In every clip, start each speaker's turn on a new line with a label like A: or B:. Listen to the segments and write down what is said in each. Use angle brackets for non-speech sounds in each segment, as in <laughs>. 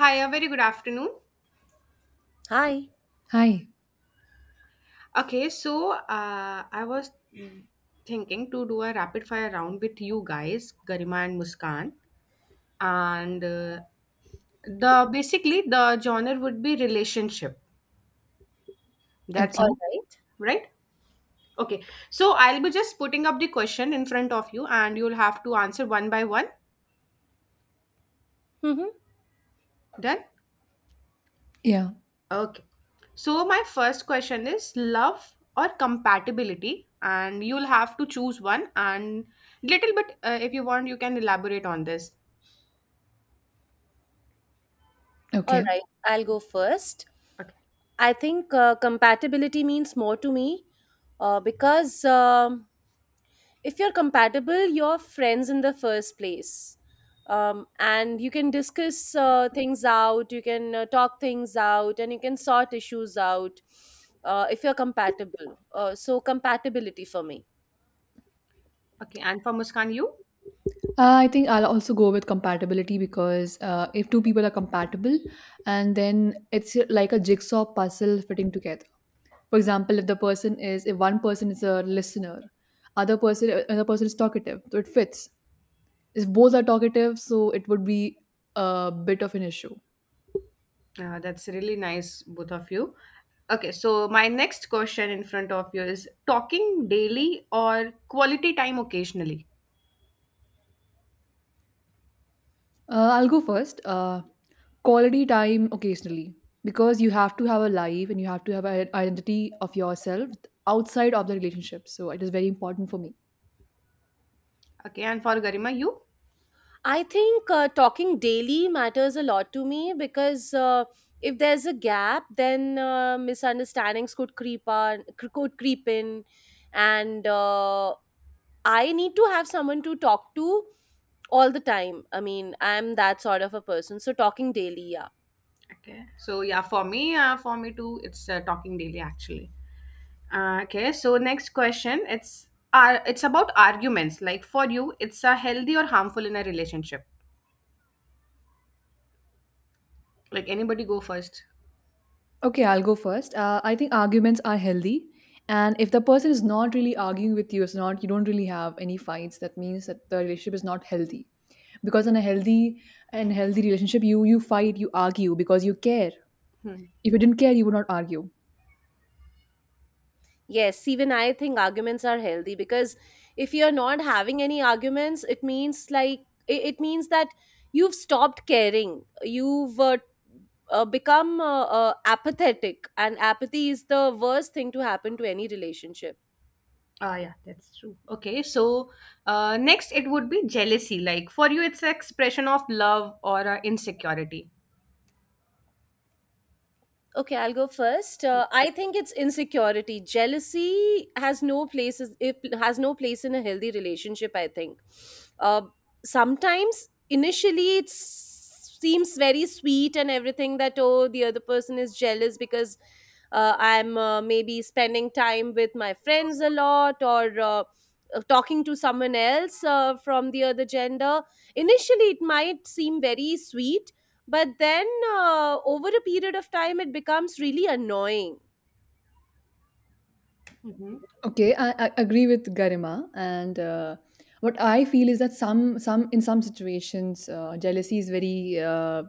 A: Hi, a very good afternoon.
B: Hi.
C: Hi.
A: Okay, so I was mm, thinking to do a rapid fire round with you guys, Garima and Muskan, and the basically the genre would be relationship. That's
B: All
C: Okay.
A: okay,
B: right.
A: right? Okay, so I'll be just putting up the question in front of you, and you'll have to answer one by one.
B: Mm-hmm.
A: Done?
C: Yeah.
A: Okay. So, my first question is love or compatibility, and you'll have to choose one. And little bit, if you want, you can elaborate on this.
B: All
C: Okay.
B: right, I'll go first.
A: Okay.
B: I think compatibility means more to me because if you're compatible, you're friends in the first place. And you can discuss things out, you can talk things out, and you can sort issues out if you're compatible. So, compatibility for me.
A: Okay. And for Muskan, you.
C: I think I'll also go with compatibility because if two people are compatible, and then it's like a jigsaw puzzle fitting together. For example, if one person is a listener, another person is talkative, so it fits. If both are talkative, so it would be a bit of an issue.
A: That's really nice, both of you. Okay, so my next question in front of you is talking daily or quality time occasionally.
C: I'll go first. Quality time occasionally, because you have to have a life and you have to have an identity of yourself outside of the relationship. So it is very important for me.
A: Okay, and for Garima, you.
B: I think talking daily matters a lot to me because if there's a gap, then misunderstandings could could creep in, and I need to have someone to talk to all the time. I mean, I'm that sort of a person, so talking daily, yeah.
A: Okay, so yeah, for me too, it's talking daily actually. Okay, so next question. It's it's about arguments. Like for you, it's a healthy or harmful in a relationship. Like anybody go first.
C: Okay, I'll go first. I think arguments are healthy. And if the person is not really arguing with you, it's not, you don't really have any fights, that means that the relationship is not healthy. Because in a healthy and healthy relationship, you fight, you argue because you care.
A: Hmm.
C: If you didn't care, you would not argue.
B: Yes, even I think arguments are healthy because if you're not having any arguments, it means like it means that you've stopped caring. You've become apathetic, and apathy is the worst thing to happen to any relationship.
A: Ah, yeah, that's true. Okay, so next it would be jealousy. Like for you, it's an expression of love or insecurity.
B: Okay, I'll go first.
A: Yeah.
B: I think it's insecurity. Jealousy has no place, it has no place in a healthy relationship. I think uh, sometimes initially it seems very sweet and everything, that oh, the other person is jealous because I'm maybe spending time with my friends a lot, or talking to someone else from the other gender. Initially, it might seem very sweet, but then over a period of time, it becomes really annoying.
A: Mhm.
C: Okay, I agree with Garima, and what I feel is that some in some situations jealousy is very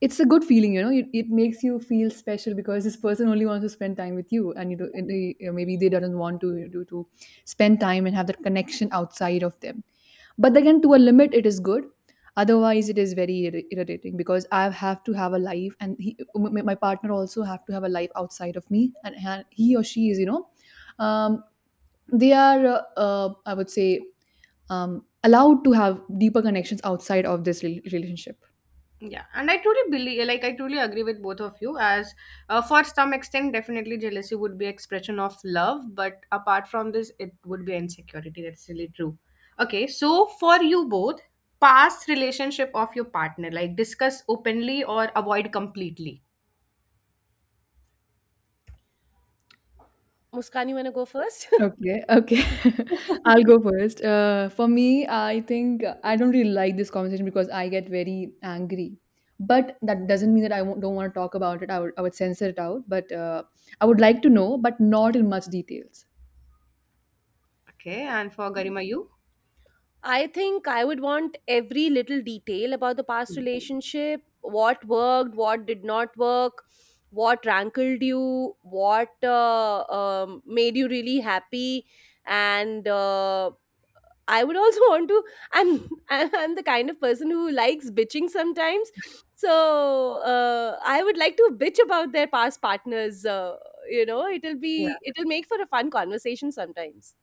C: it's a good feeling, you know, it makes you feel special because this person only wants to spend time with you, and you know, and they, you know, maybe they doesn't want to spend time and have that connection outside of them, but again, to a limit it is good. Otherwise it is very irritating because I have to have a life, and my partner also have to have a life outside of me, and he or she is, you know, um, they are, I would say, allowed to have deeper connections outside of this relationship.
A: Yeah, and I truly believe, like, I truly agree with both of you. As for some extent, definitely jealousy would be expression of love, but apart from this, it would be insecurity. That's really true. Okay, so for you both, past relationship of your partner, like discuss openly or avoid completely.
B: Muskan, you want to go first?
C: Okay, okay. <laughs> I'll go first. For me, I think I don't really like this conversation because I get very angry. But that doesn't mean that I won't, don't want to talk about it. I would censor it out. But I would like to know, but not in much details.
A: Okay, and for Garima, you,
B: I think I would want every little detail about the past relationship: what worked, what did not work, what rankled you, what made you really happy. And I would also <laughs> want to, I'm the kind of person who likes bitching sometimes. So I would like to bitch about their past partners. You know, it'll be, it'll make for a fun conversation sometimes.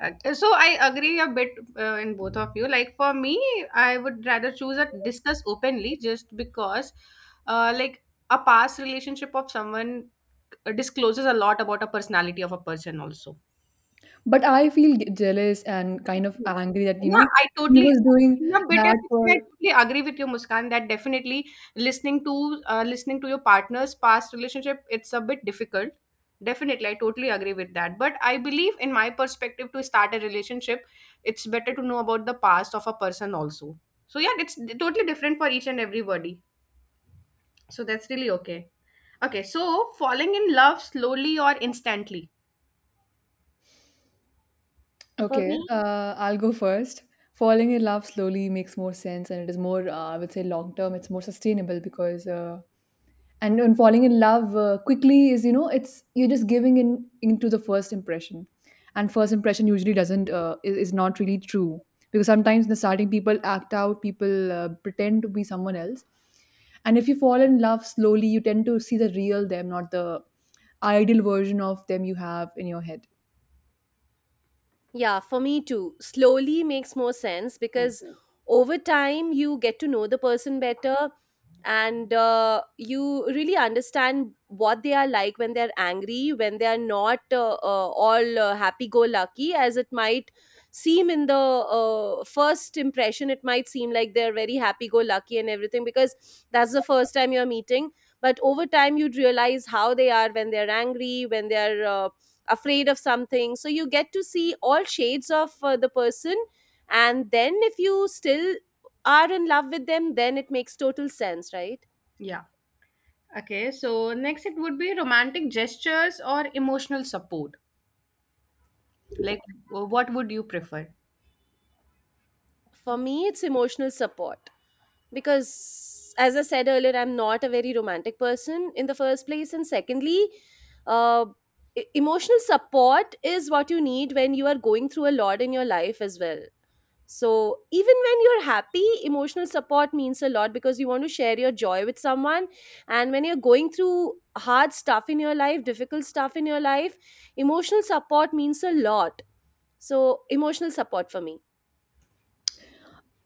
A: So I agree a bit in both of you. Like for me, I would rather choose a discuss openly just because, like a past relationship of someone discloses a lot about a personality of a person also.
C: But I feel g jealous and kind of angry that, you
A: Yeah,
C: know,
A: I
C: he
A: totally
C: was doing
A: in a bit of
C: that
A: it, I
C: for.
A: totally agree with you, Muskan, that definitely listening to listening to your partner's past relationship, it's a bit difficult. Definitely, I totally agree with that. But I believe, in my perspective, to start a relationship, it's better to know about the past of a person also. So yeah, it's totally different for each and everybody. So that's really okay. Okay, so falling in love slowly or instantly.
B: For
C: Okay,
B: me,
C: I'll go first. Falling in love slowly makes more sense, and it is more, I would say, long term. It's more sustainable because and falling in love quickly is, you know, it's you're just giving in into the first impression, and first impression usually doesn't is not really true because sometimes in the starting people act out, people pretend to be someone else. And if you fall in love slowly, you tend to see the real them, not the ideal version of them you have in your head.
B: yeah, for me too. Slowly makes more sense
A: Hmm.
B: because over time you get to know the person better, and you really understand what they are like when they're angry, when they are not all happy go lucky, as it might seem in the first impression. It might seem like they're very happy go lucky and everything because that's the first time you're meeting. But over time, you'd realize how they are when they're angry, when they're afraid of something, so you get to see all shades of the person. And then if you still are in love with them, then it makes total sense, right?
A: Yeah. Okay, so next it would be romantic gestures or emotional support. Like, what would you prefer?
B: For me, it's emotional support, because as I said earlier, I'm not a very romantic person in the first place, and secondly, uh, emotional support is what you need when you are going through a lot in your life as well. So, even when you're happy, emotional support means a lot because you want to share your joy with someone. And when you're going through hard stuff in your life, difficult stuff in your life, emotional support means a lot. So, emotional support for me.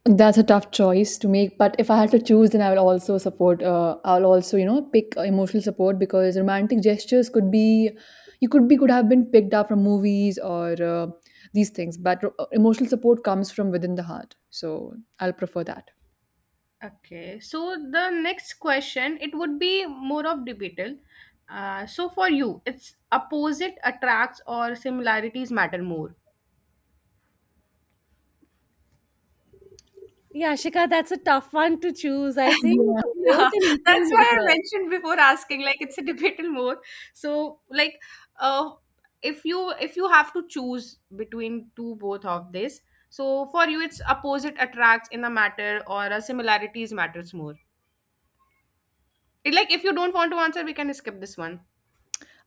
C: That's a tough choice to make, but if I had to choose, then I will also support. I'll also, you know, pick emotional support because romantic gestures could be, could have been picked up from movies or these things. But emotional support comes from within the heart, so I'll prefer that.
A: Okay, so the next question, it would be more of debatable. So for you, it's opposite attracts or similarities matter more.
B: Yeah, Shika, that's a tough one to choose.
A: Yeah,
B: I think
C: Yeah.
A: <laughs>
B: both in equal
A: that's why I
B: measure.
A: mentioned before asking, like it's a debatable more. So, like, uh, if you have to choose between two both of this, so for you it's opposite attracts in a matter or a similarities matters more. It- Like, if you don't want to answer, we can skip this one.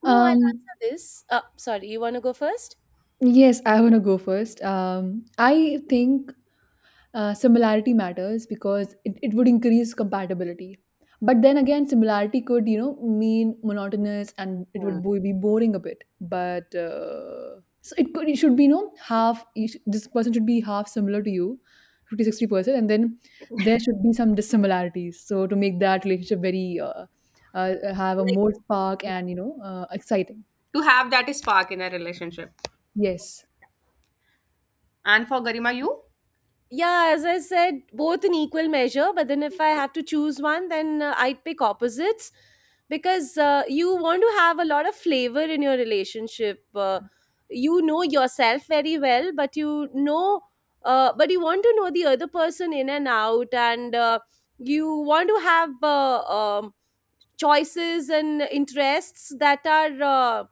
B: No, I'll
C: Um,
B: answer this. Sorry, you want to go first?
C: yes, I want to go first. I think Similarity matters because it would increase compatibility. But then again, similarity could, you know, mean monotonous and it would
A: Hmm.
C: be boring a bit. But So it could, it should be, you know, half, this person should be half similar to you, 50 60 percent. And then there should be some dissimilarities. So to make that relationship very, have a more spark and, you know, exciting.
A: To have that spark in a relationship.
C: Yes.
A: And for Garima, you,
B: Yeah, as I said, both in equal measure, but then if I have to choose one, then I'd pick opposites, because you want to have a lot of flavor in your relationship. You know yourself very well, but you know, but you want to know the other person in and out, and you want to have choices and interests that are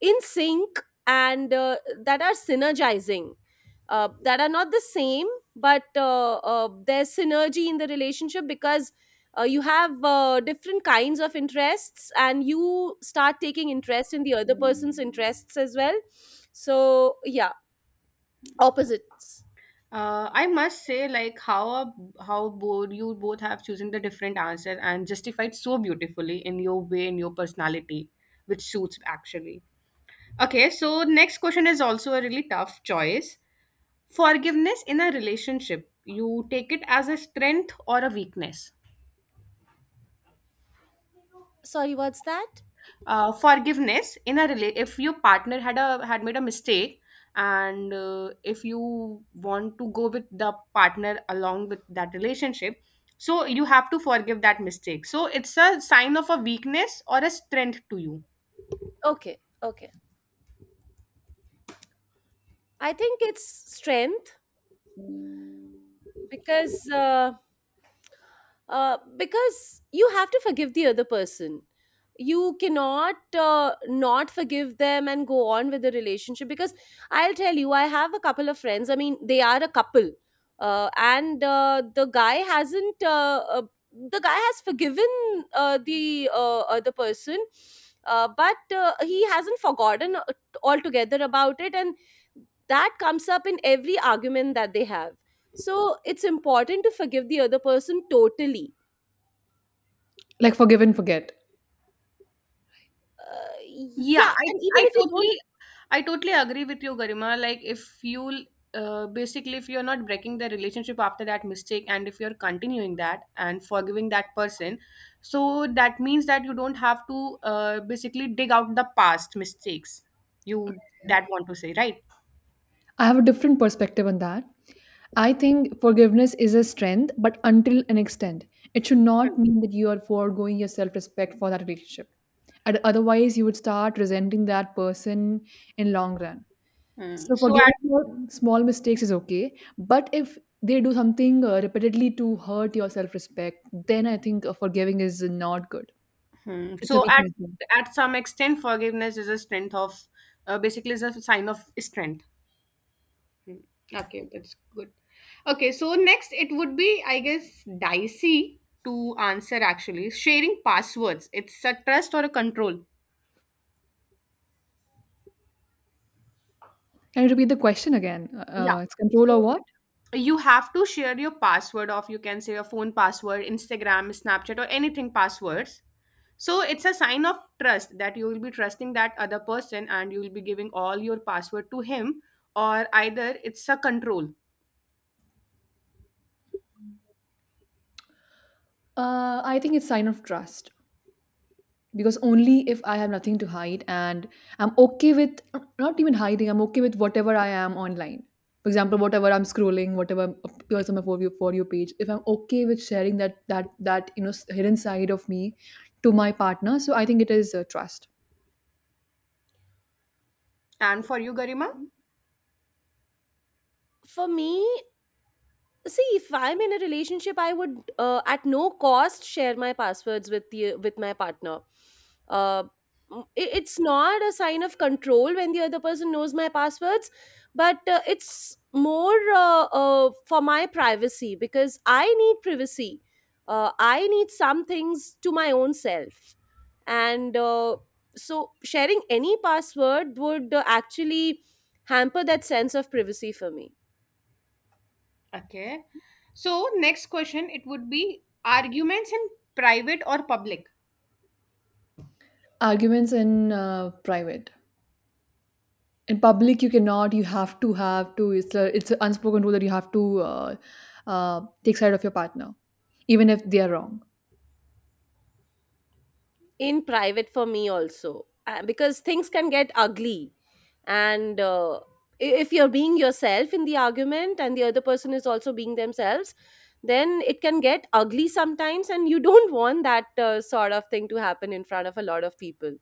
B: in sync, and that are synergizing, that are not the same, but there's synergy in the relationship, because you have different kinds of interests, and you start taking interest in the other person's interests as well. So, yeah, opposites.
A: I must say, like how both you both have chosen the different answers and justified so beautifully in your way in your personality, which suits actually. Okay, so next question is also a really tough choice. Forgiveness in a relationship, you take it as a strength or a weakness?
B: Sorry, what's that?
A: Forgiveness in a rela- if your partner had made a mistake and if you want to go with the partner along with that relationship, so you have to forgive that mistake, so it's a sign of a weakness or a strength to you.
B: Okay, okay. I think it's strength, because uh, because you have to forgive the other person. You cannot not forgive them and go on with the relationship, because I'll tell you, I have a couple of friends, I mean they are a couple, and the guy hasn't the guy has forgiven the other person, but he hasn't forgotten altogether about it, and that comes up in every argument that they have. So it's important to forgive the other person totally.
C: Like forgive and forget.
A: Yeah,
B: Yeah,
A: I
B: and even
A: I
B: if you don't,
A: totally I totally agree with you, Garima. Like if you basically if you're not breaking the relationship after that mistake and if you're continuing that and forgiving that person, so that means that you don't have to basically dig out the past mistakes. You that want to say, right?
C: I have a different perspective on that. I think forgiveness is a strength, but until an extent. It should not mean that you are foregoing your self respect for that relationship. And otherwise, you would start resenting that person in long run.
A: Hmm.
C: So
A: So at
C: forgiving your small mistakes is okay, but if they do something repeatedly to hurt your self respect, then I think forgiving is not good.
A: hmm.
C: It's a
A: So at
C: weakness.
A: at some extent, forgiveness is a strength of basically is a sign of strength. Hmm. Okay, that's good. Okay, so next it would be, I guess, dicey to answer actually. Sharing passwords. It's a trust or a control.
C: Can you repeat the question again?
A: Yeah.
C: It's control or
A: So
C: what?
A: you have to share your password of you can say your phone password, Instagram, Snapchat, or anything passwords. So it's a sign of trust that you will be trusting that other person and you will be giving all your password to him, or either it's a control.
C: I think it's sign of trust, because only if I have nothing to hide, and I'm okay with not even hiding, I'm okay with whatever I am online. For example, whatever I'm scrolling, whatever appears on my for you page, if I'm okay with sharing that, that you know, s- hidden side of me to my partner, so I think it is, trust.
A: And for you, Garima?
B: for me, see, if I'm in a relationship, I would at no cost share my passwords with the with my partner. Uh, it's not a sign of control when the other person knows my passwords, but it's more for my privacy, because I need privacy. I need some things to my own self, and so sharing any password would actually hamper that sense of privacy for me.
A: Okay. So next question, it would be arguments in private or public.
C: Arguments in private. In public you cannot, you have to have to, it's an unspoken rule that you have to, uh, take side of your partner even if they are wrong.
B: In private for me also, because things can get ugly, and if you're being yourself in the argument and the other person is also being themselves, then it can get ugly sometimes, and you don't want that sort of thing to happen in front of a lot of people.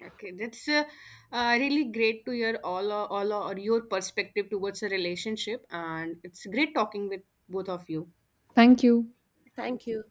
A: Okay, that's really great to hear all or your perspective towards a relationship, and it's great talking with both of you.
C: Thank you.
B: Thank
A: Thank you.
B: you.